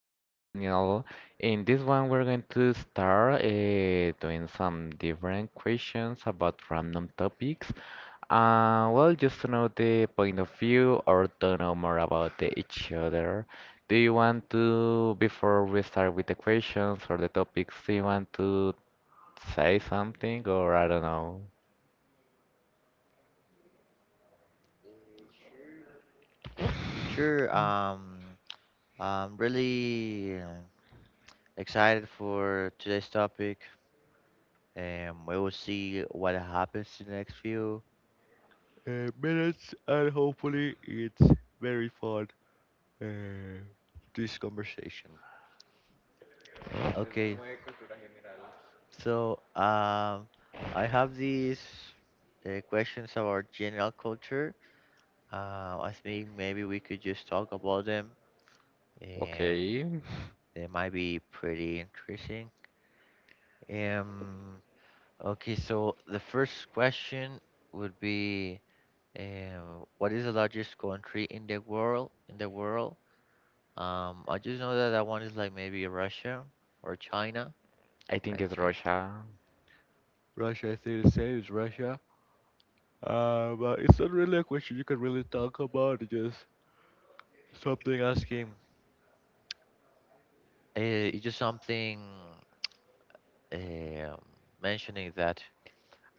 with Daniel. In this one, we're going to start doing some different questions about random topics. Well, just to know the point of view or to know more about each other. Do you want to, before we start with the questions or the topics, do you want to say something or I don't know? Sure. I'm really excited for today's topic. We will see what happens in the next few minutes, and hopefully, it's very fun. Uh, this conversation. Okay. So, I have these questions about general culture. I think maybe we could just talk about them. Um, Okay. they might be pretty interesting. Um. Okay, so the first question would be, what is the largest country in the world? In the world, I just know that one is like maybe Russia or China. I think it's Rocha. Russia, I think the same is Russia. But it's not really a question you can really talk about. It's just something asking. It's just something um, mentioning that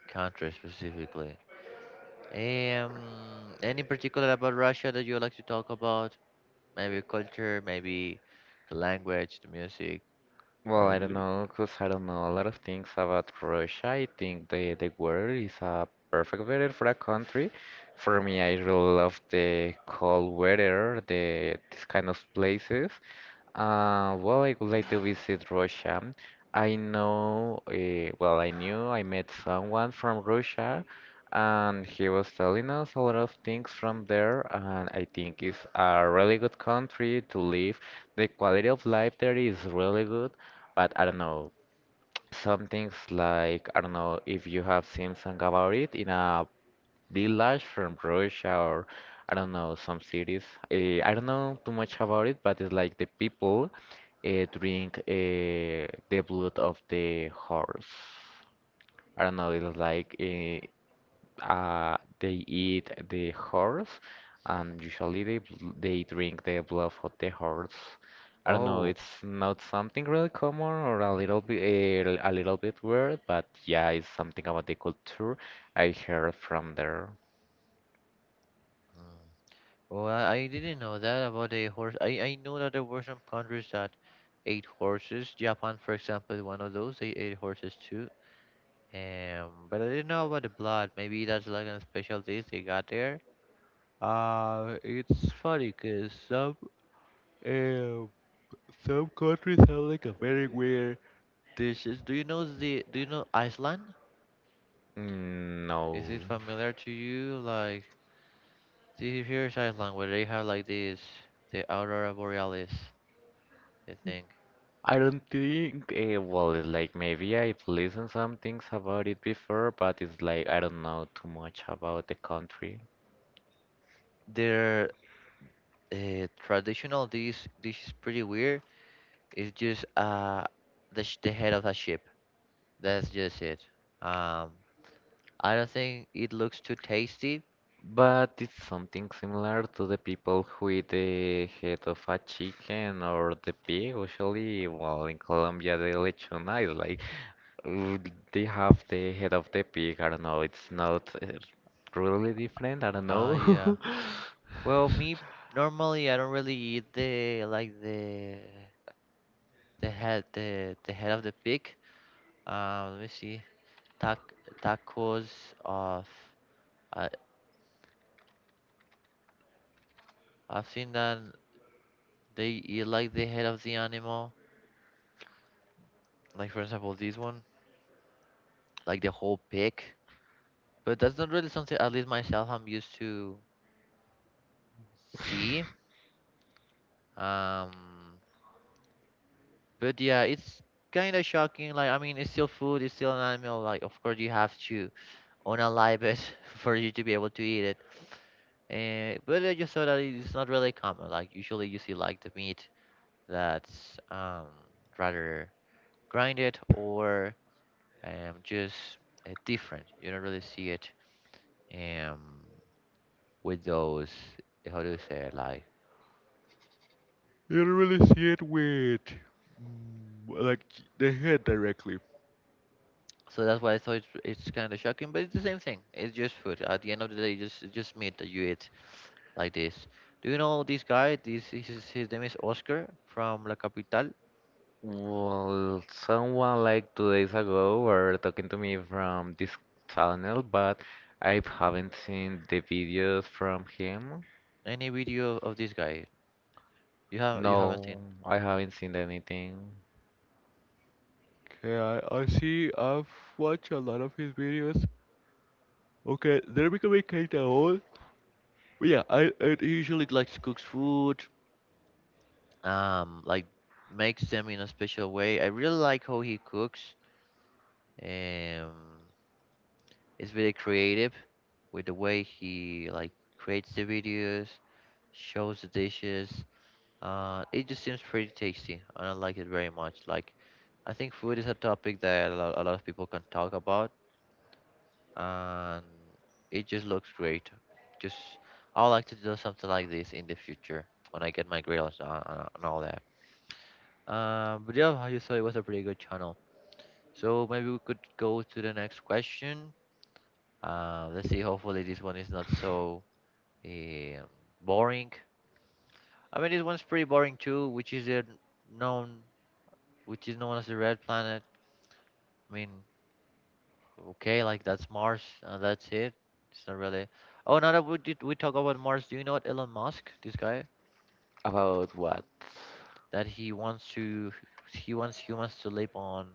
country specifically. Any particular about Russia that you would like to talk about? Maybe culture, maybe the language, the music. Well, I don't know, cause I don't know a lot of things about Russia. I think the weather is a perfect weather for a country. For me, I really love the cold weather, these kind of places. Well, I would like to visit Russia. I know, well, I knew I met someone from Russia, and he was telling us a lot of things from there, and I think it's a really good country to live. The quality of life there is really good, but I don't know, some things like, I don't know if you have seen something about it in a the lads from Russia or I don't know some cities. I don't know too much about it, but it's like the people drink the blood of the horse. I don't know. It's like they eat the horse, and usually they they drink the blood of the horse. I don't know. Oh, It's not something really common or a little bit a little bit weird, but yeah, it's something about the culture I heard from there. oh, I didn't know that about the horse. I know that there were some countries that ate horses. Japan, for example, is one of those. They ate horses too. But I didn't know about the blood. Maybe that's like a special dish they got there. It's funny because um, some countries have like a very weird dishes. Do you know Iceland? Mm, no, Is it familiar to you? Like see here's Iceland where they have like this the aurora borealis, I think. I don't think. Well, it's like maybe I've listened some things about it before, but it's like I don't know too much about the country. Their traditional dish is pretty weird. It's just the the head of a ship. That's just it. Um, I don't think it looks too tasty. But it's something similar to the people who eat the head of a chicken or the pig. Usually, well, in Colombia, the lechona is like uh, they have the head of the pig. I don't know. It's not really different. I don't know. Ah, yeah. Well, me normally I don't really eat the like the the head of the pig. Let me see. tac- Tacos of I I've seen that they eat like the head of the animal. Like for example this one, like the whole pig. But that's not really something at least myself I'm used to see. Um but yeah, it's kinda shocking. Like I mean it's still food, it's still an animal, like of course you have to unalive it for you to be able to eat it. But I just saw that it's not really common. Like usually you see like the meat that's rather grinded or just different. You don't really see it um, with those, how do you say it, like, you don't really see it with like the head directly. So that's why I thought it's kind of shocking, but it's the same thing. It's just food. At the end of the day, just it's just meat that you eat like this. Do you know this guy? This his name is Oscar from La Capital. Well, someone like two days ago were talking to me from this channel, but I haven't seen the videos from him. Any video of this guy? You haven't No, seen? I haven't seen anything Okay, I see. I've watched a lot of his videos. Okay, they're becoming kind of old. But yeah, I usually likes cooks food. Like makes them in a special way. I really like how he cooks. Um, it's very creative with the way he like creates the videos, shows the dishes. It just seems pretty tasty, and I like it very much. Like, I think food is a topic that a lot of people can talk about and it just looks great. Just I would like to do something like this in the future when I get my grills and and all that. But yeah, how you thought it was a pretty good channel. So maybe we could go to the next question. Let's see. Hopefully this one is not so um, boring. I mean, this one's pretty boring too, which is a known, which is known as the red planet. I mean, okay, like that's Mars, and that's it. It's not really. Oh, now that we talk about Mars, do you know what Elon Musk, this guy, about what. that he wants to, he wants humans to live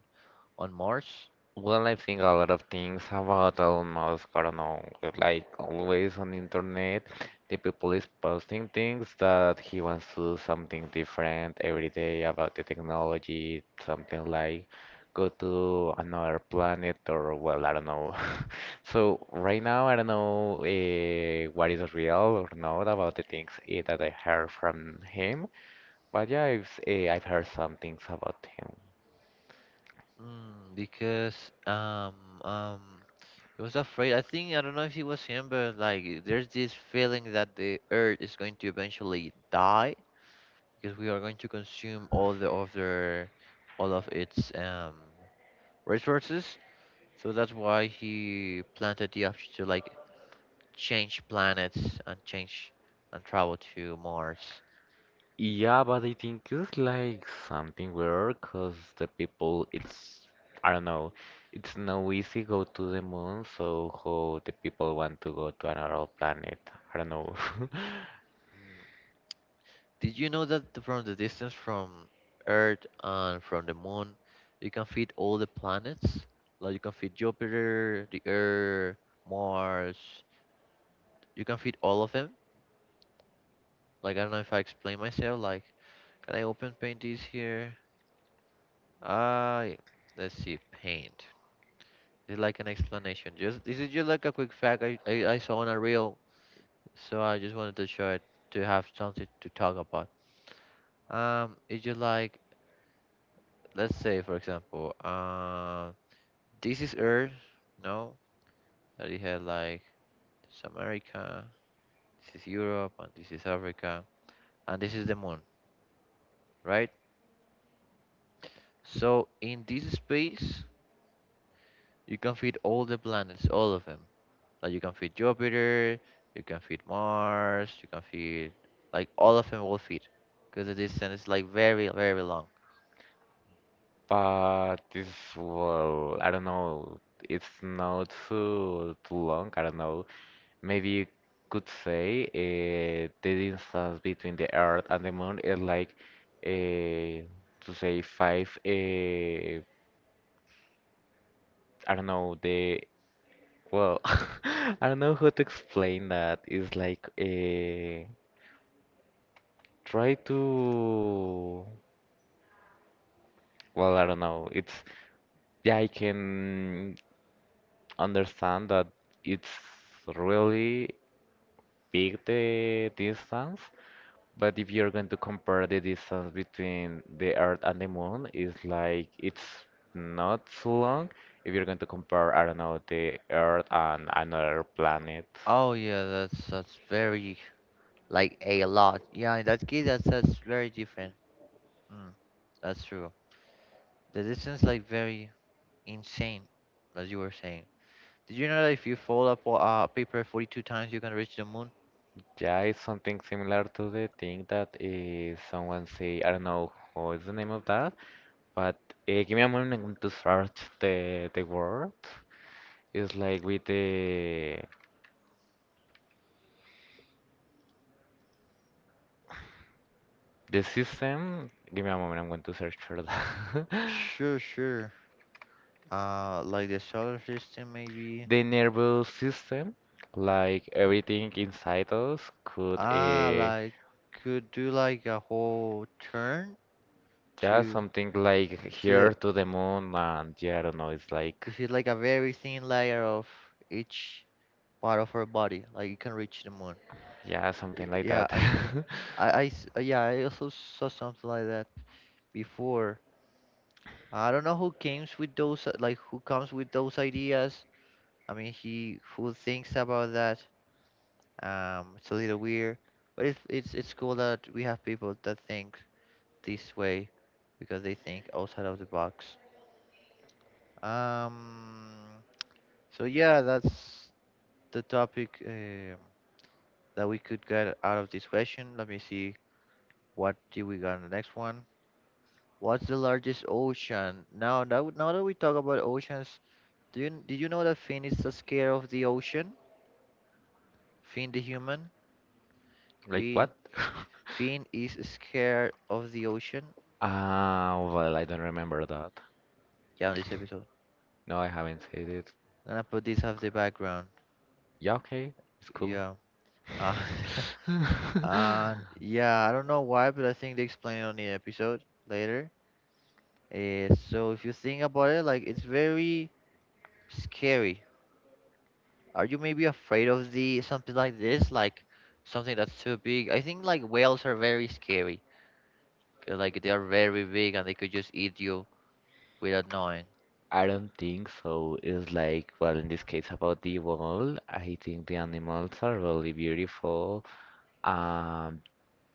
on Mars? Well, I think a lot of things about Elon Musk. I don't know, like always on the internet, the people is posting things that he wants to do something different every day about the technology, something like go to another planet or well, I don't know. So right now, I don't know what is real or not about the things that I heard from him, but yeah, I've heard some things about him. Hmm, because he was afraid. I think I don't know if it was him, but like there's this feeling that the Earth is going to eventually die because we are going to consume all of its resources. So that's why he planted the option to like change planets and change and travel to Mars. Yeah, but I think it's like something weird because the people, I don't know, it's no easy go to the moon, so how the people want to go to another planet, I don't know. Mm, did you know that from the distance from Earth and from the Moon, you can fit all the planets? Like you can fit Jupiter, the Earth, Mars. You can fit all of them. Like I don't know if I explain myself. Like can I open paint this here? Ah, yeah. Let's see paint. It's like an explanation. Just this is just like a quick fact I saw on a reel. So I just wanted to share it to have something to talk about. If you like, let's say for example, this is Earth, no, that you had like this is America, this is Europe, and this is Africa, and this is the Moon, right? So in this space, you can fit all the planets, all of them. Like you can fit Jupiter, you can fit Mars, you can fit like all of them will fit, because the distance is like very long. But this, well, I don't know, it's not too long, I don't know. Maybe you could say the distance between the Earth and the moon is like, uh, to say five, I don't know, Well, I don't know how to explain that. It's like a try to. Well, I don't know. It's yeah, I can understand that it's really big the distance, but if you're going to compare the distance between the Earth and the Moon, it's like it's not so long. If you're going to compare, I don't know, the Earth and another planet. Oh yeah, that's very like a lot. Yeah, in that case, that's very different. Mm, that's true. The distance like very insane, as you were saying. Did you know that if you fold up a paper 42 times, you can reach the moon? Yeah, it's something similar to the thing that someone say. I don't know what is the name of that, but give me a moment. I'm going to search the word. It's like with the system. Give me a moment. I'm going to search for that. Sure, sure. Like the solar system, maybe. The nervous system, like everything inside us, could Ah, like could do like a whole turn yeah something like to the. here to the moon and yeah, I don't know. It's like. If it's like a very thin layer of each part of our body, like you can reach the moon. Yeah, something like Yeah, that. I think. Yeah, I also saw something like that before. I don't know who comes with those, like who comes with those ideas. I mean, he who thinks about that. It's a little weird, but it's it's cool that we have people that think this way because they think outside of the box. Um, so yeah, that's the topic that we could get out of this question. Let me see what do we got on the next one. What's the largest ocean? Now that now that we talk about oceans, do you know that Finn is so scared of the ocean? Finn the human. Like what? Finn is scared of the ocean. Ah, well, I don't remember that. Yeah, on this episode. No, I haven't said it. Gonna put this as the background. Yeah, okay, it's cool. Yeah. Uh, and yeah, I don't know why, but I think they explain it on the episode later. So if you think about it, like it's very scary. Are you maybe afraid of the something like this, like something that's too big? I think like whales are very scary, 'cause, like they are very big and they could just eat you without knowing. I don't think so. It's like, well, in this case about the wall, I think the animals are really beautiful. Um,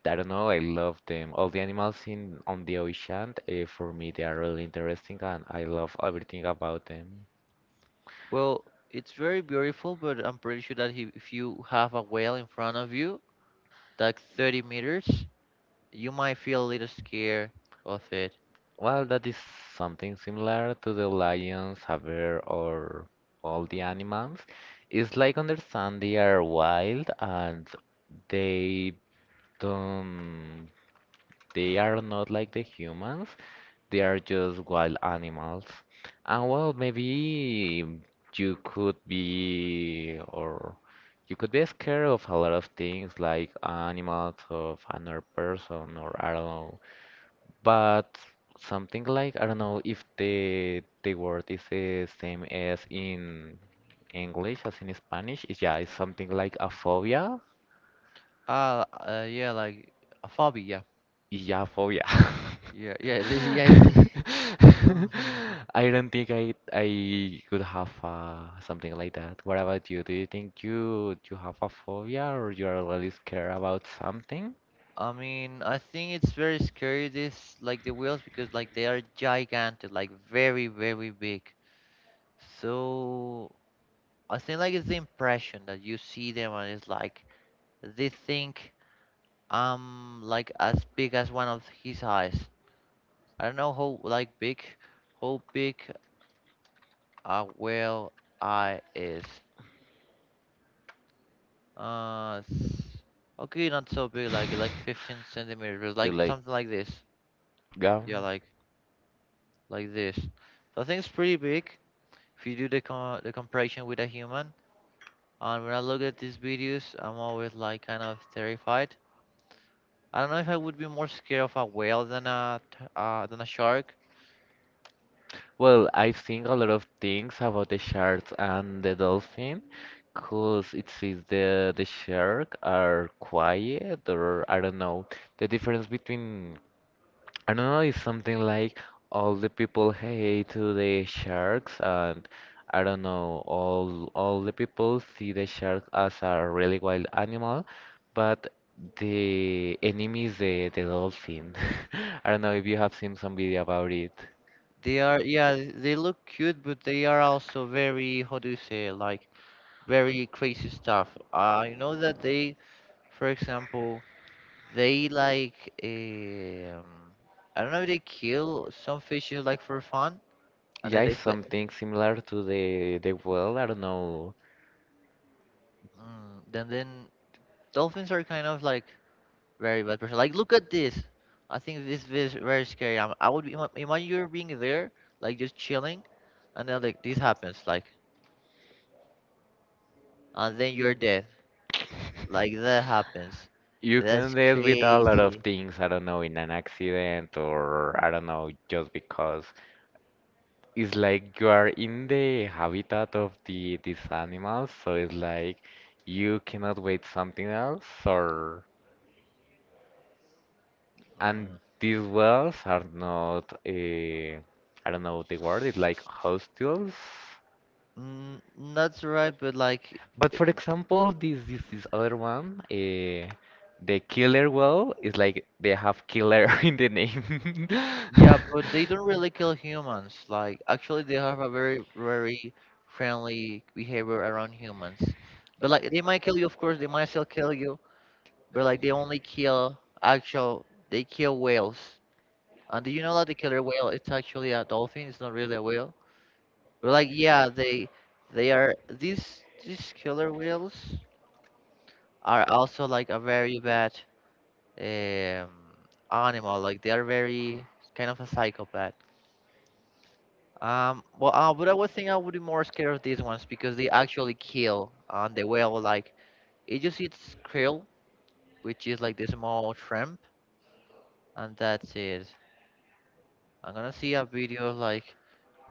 I don't know, I love them. All the animals in on the ocean, for me, they are really interesting, and I love everything about them. Well, it's very beautiful, but I'm pretty sure that if you have a whale in front of you, like 30 meters, you might feel a little scared of it. Well, that is something similar to the lions, haver or all the animals. It's like understand they are wild and they don't, they are not like the humans. They are just wild animals. And well, maybe you could be, or you could be scared of a lot of things like animals, of another person, or I don't know, but something like I don't know if the word is the same as in English as in Spanish. It's, yeah, it's something like a phobia. Ah, yeah, like a phobia. Yeah, phobia. Yeah, yeah, yeah. yeah it's li- Um, I don't think I could have something like that. What about you? Do you think you have a phobia or you are really scared about something? I mean, I think it's very scary. This like the whales because like they are gigantic, like very big. So I think like it's the impression that you see them and it's like they think. Um like as big as one of his eyes. I don't know how big a whale eye is. Uh s- okay not so big like 15 centimeters You like like, something like this. yeah. Yeah like this. So I think it's pretty big if you do the the comparison with a human. And when I look at these videos I'm always like kind of terrified. I don't know if I would be more scared of a whale than a than a shark. Well, I think a lot of things about the sharks and the dolphin, cause it seems the shark are quiet or I don't know. The difference between I don't know is something like all the people hate to the sharks and I don't know all the people see the shark as a really wild animal, but the enemy is the dolphin. I don't know if you have seen some video about it. They are, yeah, they look cute, but they are also very, how do you say, like very crazy stuff. I know that they, for example, they like, um, I don't know, they kill some fishes like for fun, and Yeah, then they it's play. something similar to the well. I don't know. Mm, then dolphins are kind of like very bad person. Like look at this. I think this is very scary. I would be, imagine you're being there, like just chilling, and then like this happens, like, and then you're dead. Like that happens. You can deal with a lot of things. I don't know, in an accident or I don't know, just because it's like you are in the habitat of these animals, so it's like you cannot wait something else or and these wells are not I don't know the word. It's like hostels. Mm, that's right, but like, But for example, this this other one, the killer whale is like they have killer in the name. yeah, but they don't really kill humans. Like, actually, they have a very friendly behavior around humans. But like, they might kill you, of course, they might still kill you. But like, they only they kill whales. And do you know that the killer whale is actually a dolphin? It's not really a whale. But like, yeah, they are these killer whales are also like a very bad um, animal. Like they are very kind of a psychopath. But I would think I would be more scared of these ones because they actually kill on the whale. Like it just eats krill, which is like this small shrimp, and that's it. I'm gonna see a video of like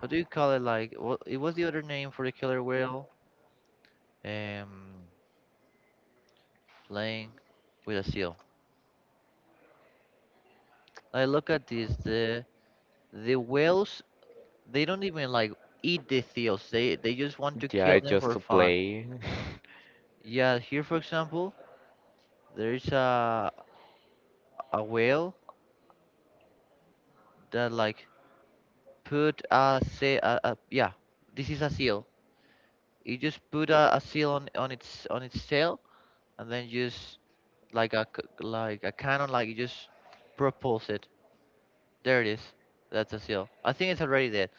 how do you call it? Like what? It was the other name for the killer whale. Um, Playing with a seal. Like look at this. The whales they don't even like eat the seals. They just want to Yeah, kill them just for to fun. play. Yeah, here for example, there is a whale that like put a say a yeah, this is a seal. It just put a seal on its on its tail and then just like a cannon like you just propulse it. There it is. That's a seal. I think it's already dead.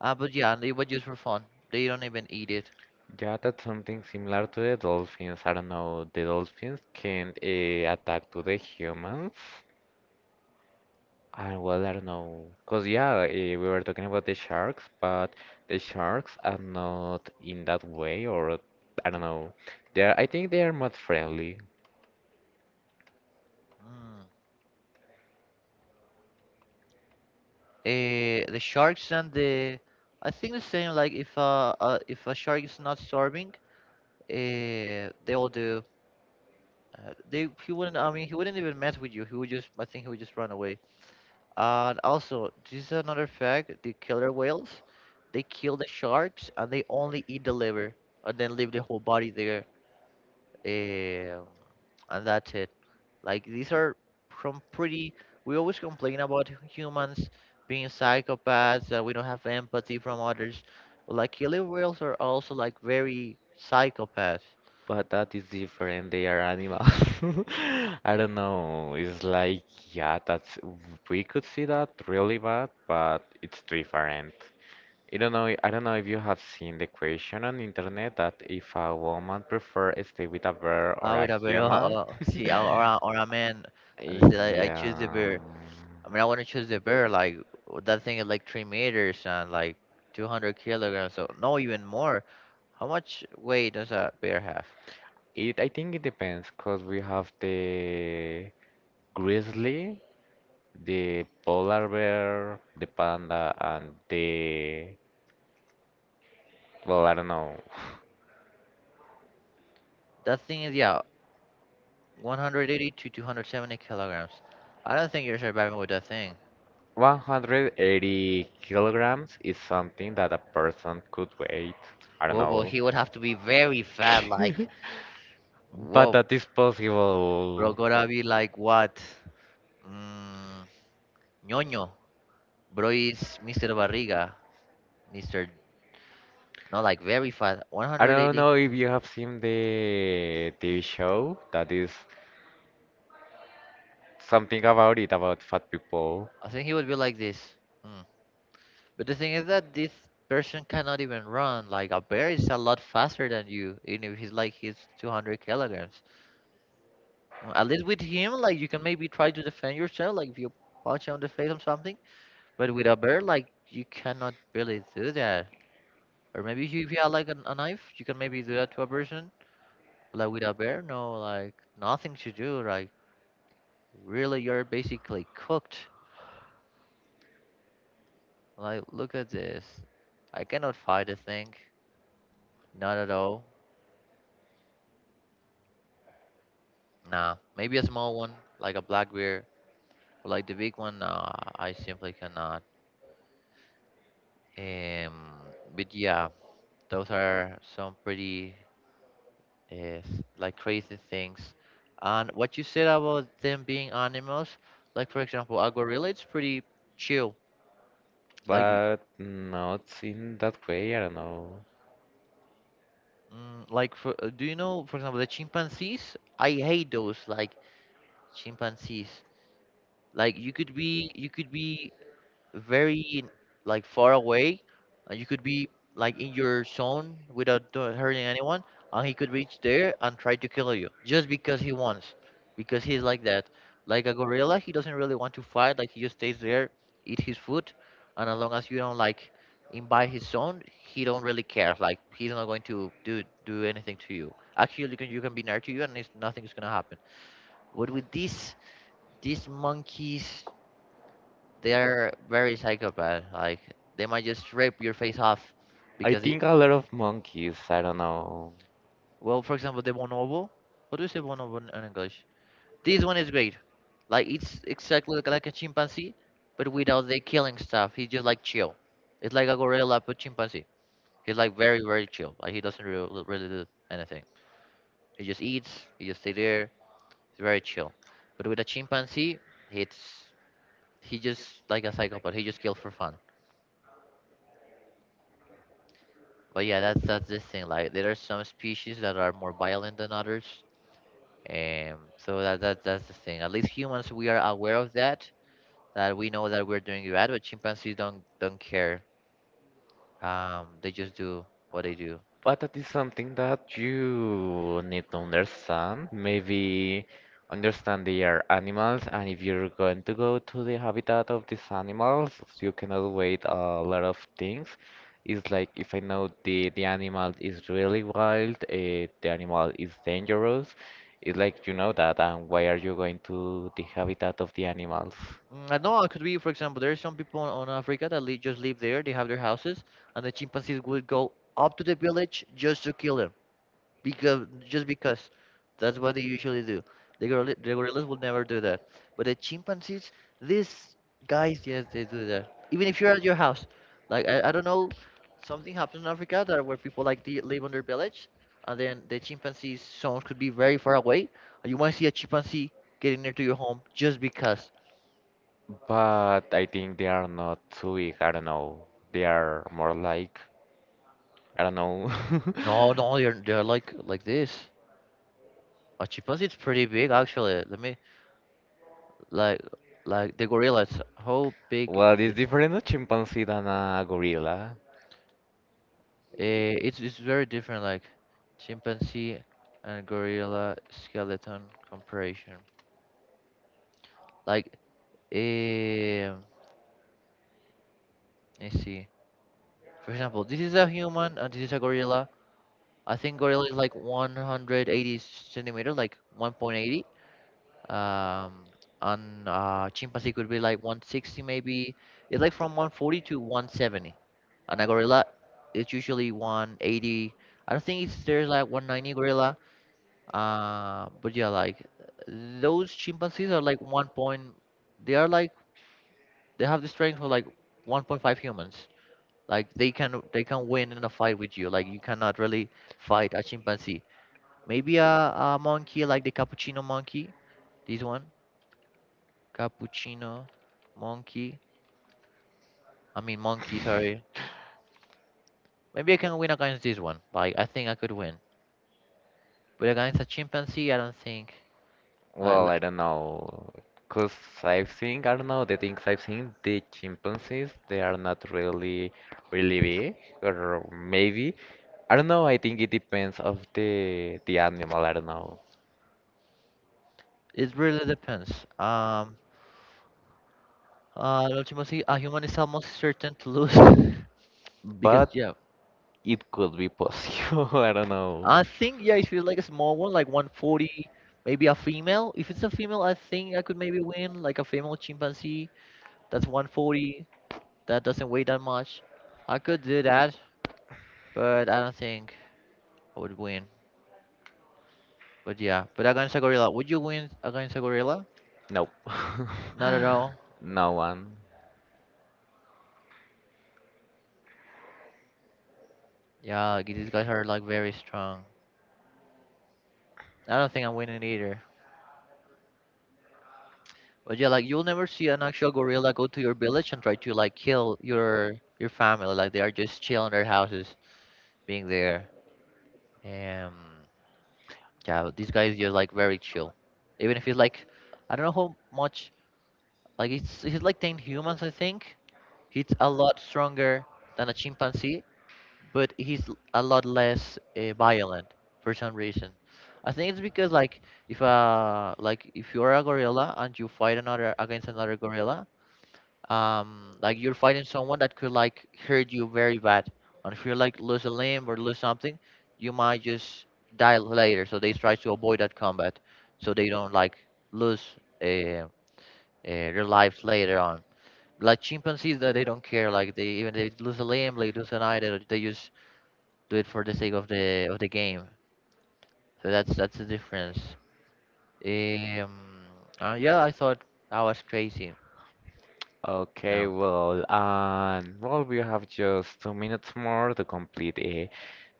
But yeah, they were just for fun. They don't even eat it. Yeah, that's something similar to the dolphins. I don't know, the dolphins can attack to the humans. And well, I don't know, cause yeah, we were talking about the sharks, but the sharks are not in that way, or I don't know. They are, I think they are not friendly, Mm. The sharks and the I think the same like if a shark is not starving, they will do they He wouldn't. I mean, he wouldn't even mess with you. He would just. I think he would just run away. And also, this is another fact: the killer whales, they kill the sharks and they only eat the liver and then leave the whole body there. Um, and that's it. Like these are from pretty. We always complain about humans being psychopaths that we don't have empathy from others, but like killer whales are also like very psychopaths. but that is different. They are animals. I don't know. It's like yeah, that's we could see that really bad, but it's different. I don't know. I don't know if you have seen the question on internet that if a woman prefer stay with a bear or Ah, with a a bear. Oh, human. oh, see, or a man, and I said I choose the Yeah. bear. I mean, I want to choose the bear. Like that thing is like 3 meters and like 200 kilograms, so no, even more. How much weight does a bear have? It, I think it depends, because we have the grizzly, the polar bear, the panda, and the, well, I don't know. That thing is yeah, 180 to 270 kilograms. I don't think you're surviving with that thing. 180 kilograms is something that a person could weigh. I don't Whoa, but know. he would have to be very fat. Like But whoa, that is bro, possible. gotta be like what? Mm, ñoño. Bro is Mr. Barriga, Mr. Not like very fast, I don't 180. know if you have seen the TV show that is something about it about fat people, I think he would be like this. Mm. But the thing is that this person cannot even run. Like a bear is a lot faster than you, even if he's 200 kilograms. At least with him, like you can maybe try to defend yourself, like if you punch him on the face or something. But with a bear, like you cannot really do that. Or maybe if you have like a knife, you can maybe do that to a person. Like with a bear, no, like nothing to do. Like really, you're basically cooked. Like, look at this. I cannot fight a thing. Not at all. Nah. Maybe a small one, like a black bear. But like the big one, nah, I simply cannot. But yeah, those are some pretty uh, like crazy things. And what you said about them being animals, like for example, a gorilla, it's pretty chill. Like, you- but not in that way. I don't know. Like for, do you know, for example, the chimpanzees? I hate those, like chimpanzees. Like you could be very like far away. You could be like in your zone without hurting anyone, and he could reach there and try to kill you just because he wants, because he's like that. Like a gorilla, he doesn't really want to fight. Like he just stays there, eat his food, and as long as you don't like invite his zone, he don't really care. Like he's not going to do anything to you. Actually, you can be near to you, and nothing's gonna happen. What with these monkeys? They are very psychopath. Like they might just rip your face off I because it, think a lot of monkeys. I don't know. well, for example, the bonobo. What do you say bonobo in English? This one is great. Like it's exactly like a chimpanzee, but without the killing stuff. He's just like chill. It's like a gorilla but chimpanzee. He's like very chill. Like he doesn't really do anything. He just eats. He just stay there. He's very chill. But with a chimpanzee, it's he just like a psychopath. He just kills for fun. But yeah, that's the thing. Like there are some species that are more violent than others, and so that that's the thing. At least humans, we are aware of that. That we know that we're doing it bad, but chimpanzees don't care. They just do what they do. But that is something that you need to understand. Maybe understand they are animals, and if you're going to go to the habitat of these animals, you cannot wait a lot of things. It's like if I know the animal is really wild, the animal is dangerous. It's like you know that, and why are you going to the habitat of the animals? Mm, I know it could be, for example, there are some people on Africa that just live there. They have their houses, and the chimpanzees would go up to the village just to kill them. Because that's what they usually do. The gorillas will never do that, but the chimpanzees, these guys, yes, they do that. Even if you're at your house, like I don't know, something happened in Africa that where people like they live on their village, and then the chimpanzees, some could be very far away, and you want to see a chimpanzee getting near to your home just because. But I think they are not too big. I don't know. They are more like. I don't know. No, they're like this. A chimpanzee is pretty big actually. Let me like like the gorillas. How big What is is different a chimpanzee than a gorilla? It's very different, like chimpanzee and gorilla skeleton comparison. Like, um, let's see. For example, this is a human and this is a gorilla. I think gorilla is like 180 centimeter, like 1.80. Um, and Chimpanzee could be like 160 maybe. It's like from 140 to 170. And a gorilla is usually 180. I don't think it's there's like 190 gorilla. But yeah, like those chimpanzees are like 1 point. They are like they have the strength of like 1.5 humans. Like they can win in a fight with you. Like you cannot really fight a chimpanzee. Maybe a monkey like the cappuccino monkey. This one, cappuccino monkey. I mean monkey. Sorry. Maybe I can win against this one. Like I think I could win. But against a chimpanzee, I don't think. Like l- Well, I don't know. Because I've seen, I don't know, the things I've seen, the chimpanzees, they are not really, really big, or maybe. I don't know, I think it depends of the animal, I don't know. it really depends. Um. Ultima a human is almost certain to lose because But yeah, it could be possible, I don't know. I think yeah, if you like a small one, like 140, maybe a female. If it's a female, I think I could maybe win, like a female chimpanzee that's 140, that doesn't weigh that much. I could do that, but I don't think I would win. But yeah, but against a gorilla, would you win against a gorilla? Nope. Not at all. No one. Yeah, these guys are like very strong. I don't think I'm winning either. But yeah, like you'll never see an actual gorilla go to your village and try to like kill your family. Like they are just chill in their houses, being there. And yeah, but this guy is just like very chill. Even if he's like, I don't know how much. Like it's he's like ten humans, I think. He's a lot stronger than a chimpanzee, but a lot less violent for some reason. I think it's because like if you're a gorilla and you fight another against another gorilla, like you're fighting someone that could like hurt you very bad, and if you like lose a limb or lose something you might just die later, so they try to avoid that combat so they don't like lose uh, uh, their lives later on. Like chimpanzees, that they don't care. Like they lose a limb, they lose an eye, they just do it for the sake of the game. So that's the difference. um yeah, I thought that was crazy. Okay, well, and well, we have just two minutes more to complete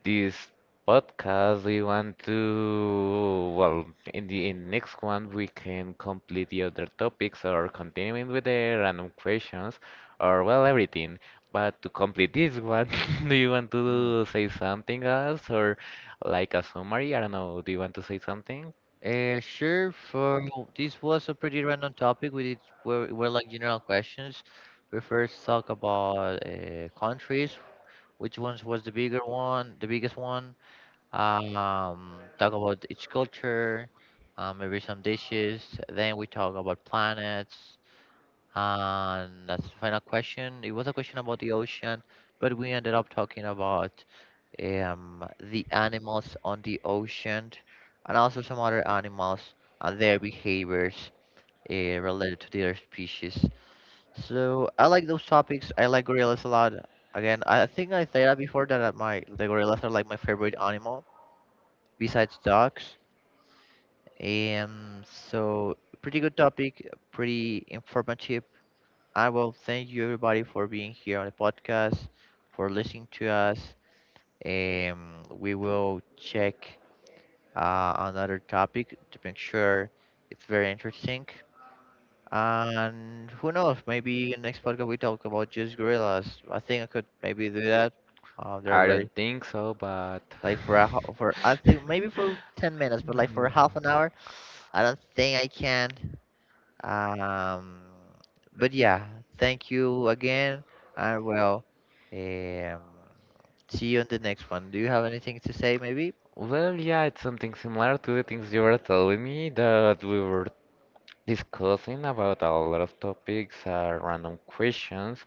this podcast. We want to, well, in the in next one we can complete the other topics or continuing with the random questions or well everything. But to complete this one, do you want to say something else or like a summary? I don't know. Do you want to say something? Sure. For This was a pretty random topic. Were like general questions. We first talk about countries. Which ones was the bigger one, The biggest one? Talk about each culture. Maybe some dishes. Then we talk about planets. And that's the final question. It was a question about the ocean, but we ended up talking about the animals on the ocean and also some other animals and their behaviors related to their species. So I like those topics. I like gorillas a lot. Again, I think I said that before that my the gorillas are like my favorite animal besides dogs. So pretty good topic, pretty informative. I will thank you everybody for being here on the podcast, for listening to us. We will check another topic to make sure it's very interesting. And who knows, maybe in next podcast we talk about just gorillas. I think I could maybe do that. They're I very don't think so, but. For I think maybe for 10 minutes, but like for half Hmm. an hour, I don't think I can. Um, but yeah, thank you again. I will um, see you on the next one. Do you have anything to say, maybe? Well, yeah, it's something similar to the things you were telling me that we were discussing about a lot of topics, random questions.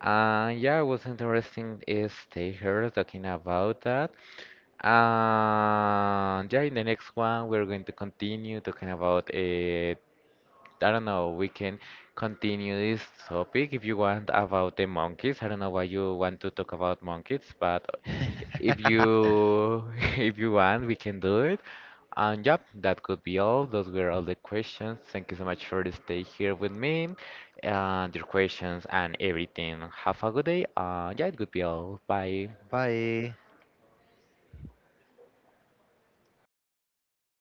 Yeah, it was interesting is stay here talking about that. And yeah, in the next one, we're going to continue talking about I don't know, we can continue this topic if you want about the monkeys. I don't know why you want to talk about monkeys, but if you if you want, we can do it. And yep, that could be all. Those were all the questions. Thank you so much for staying here with me and your questions and everything. Have a good day. Yeah, it could be all. Bye. Bye.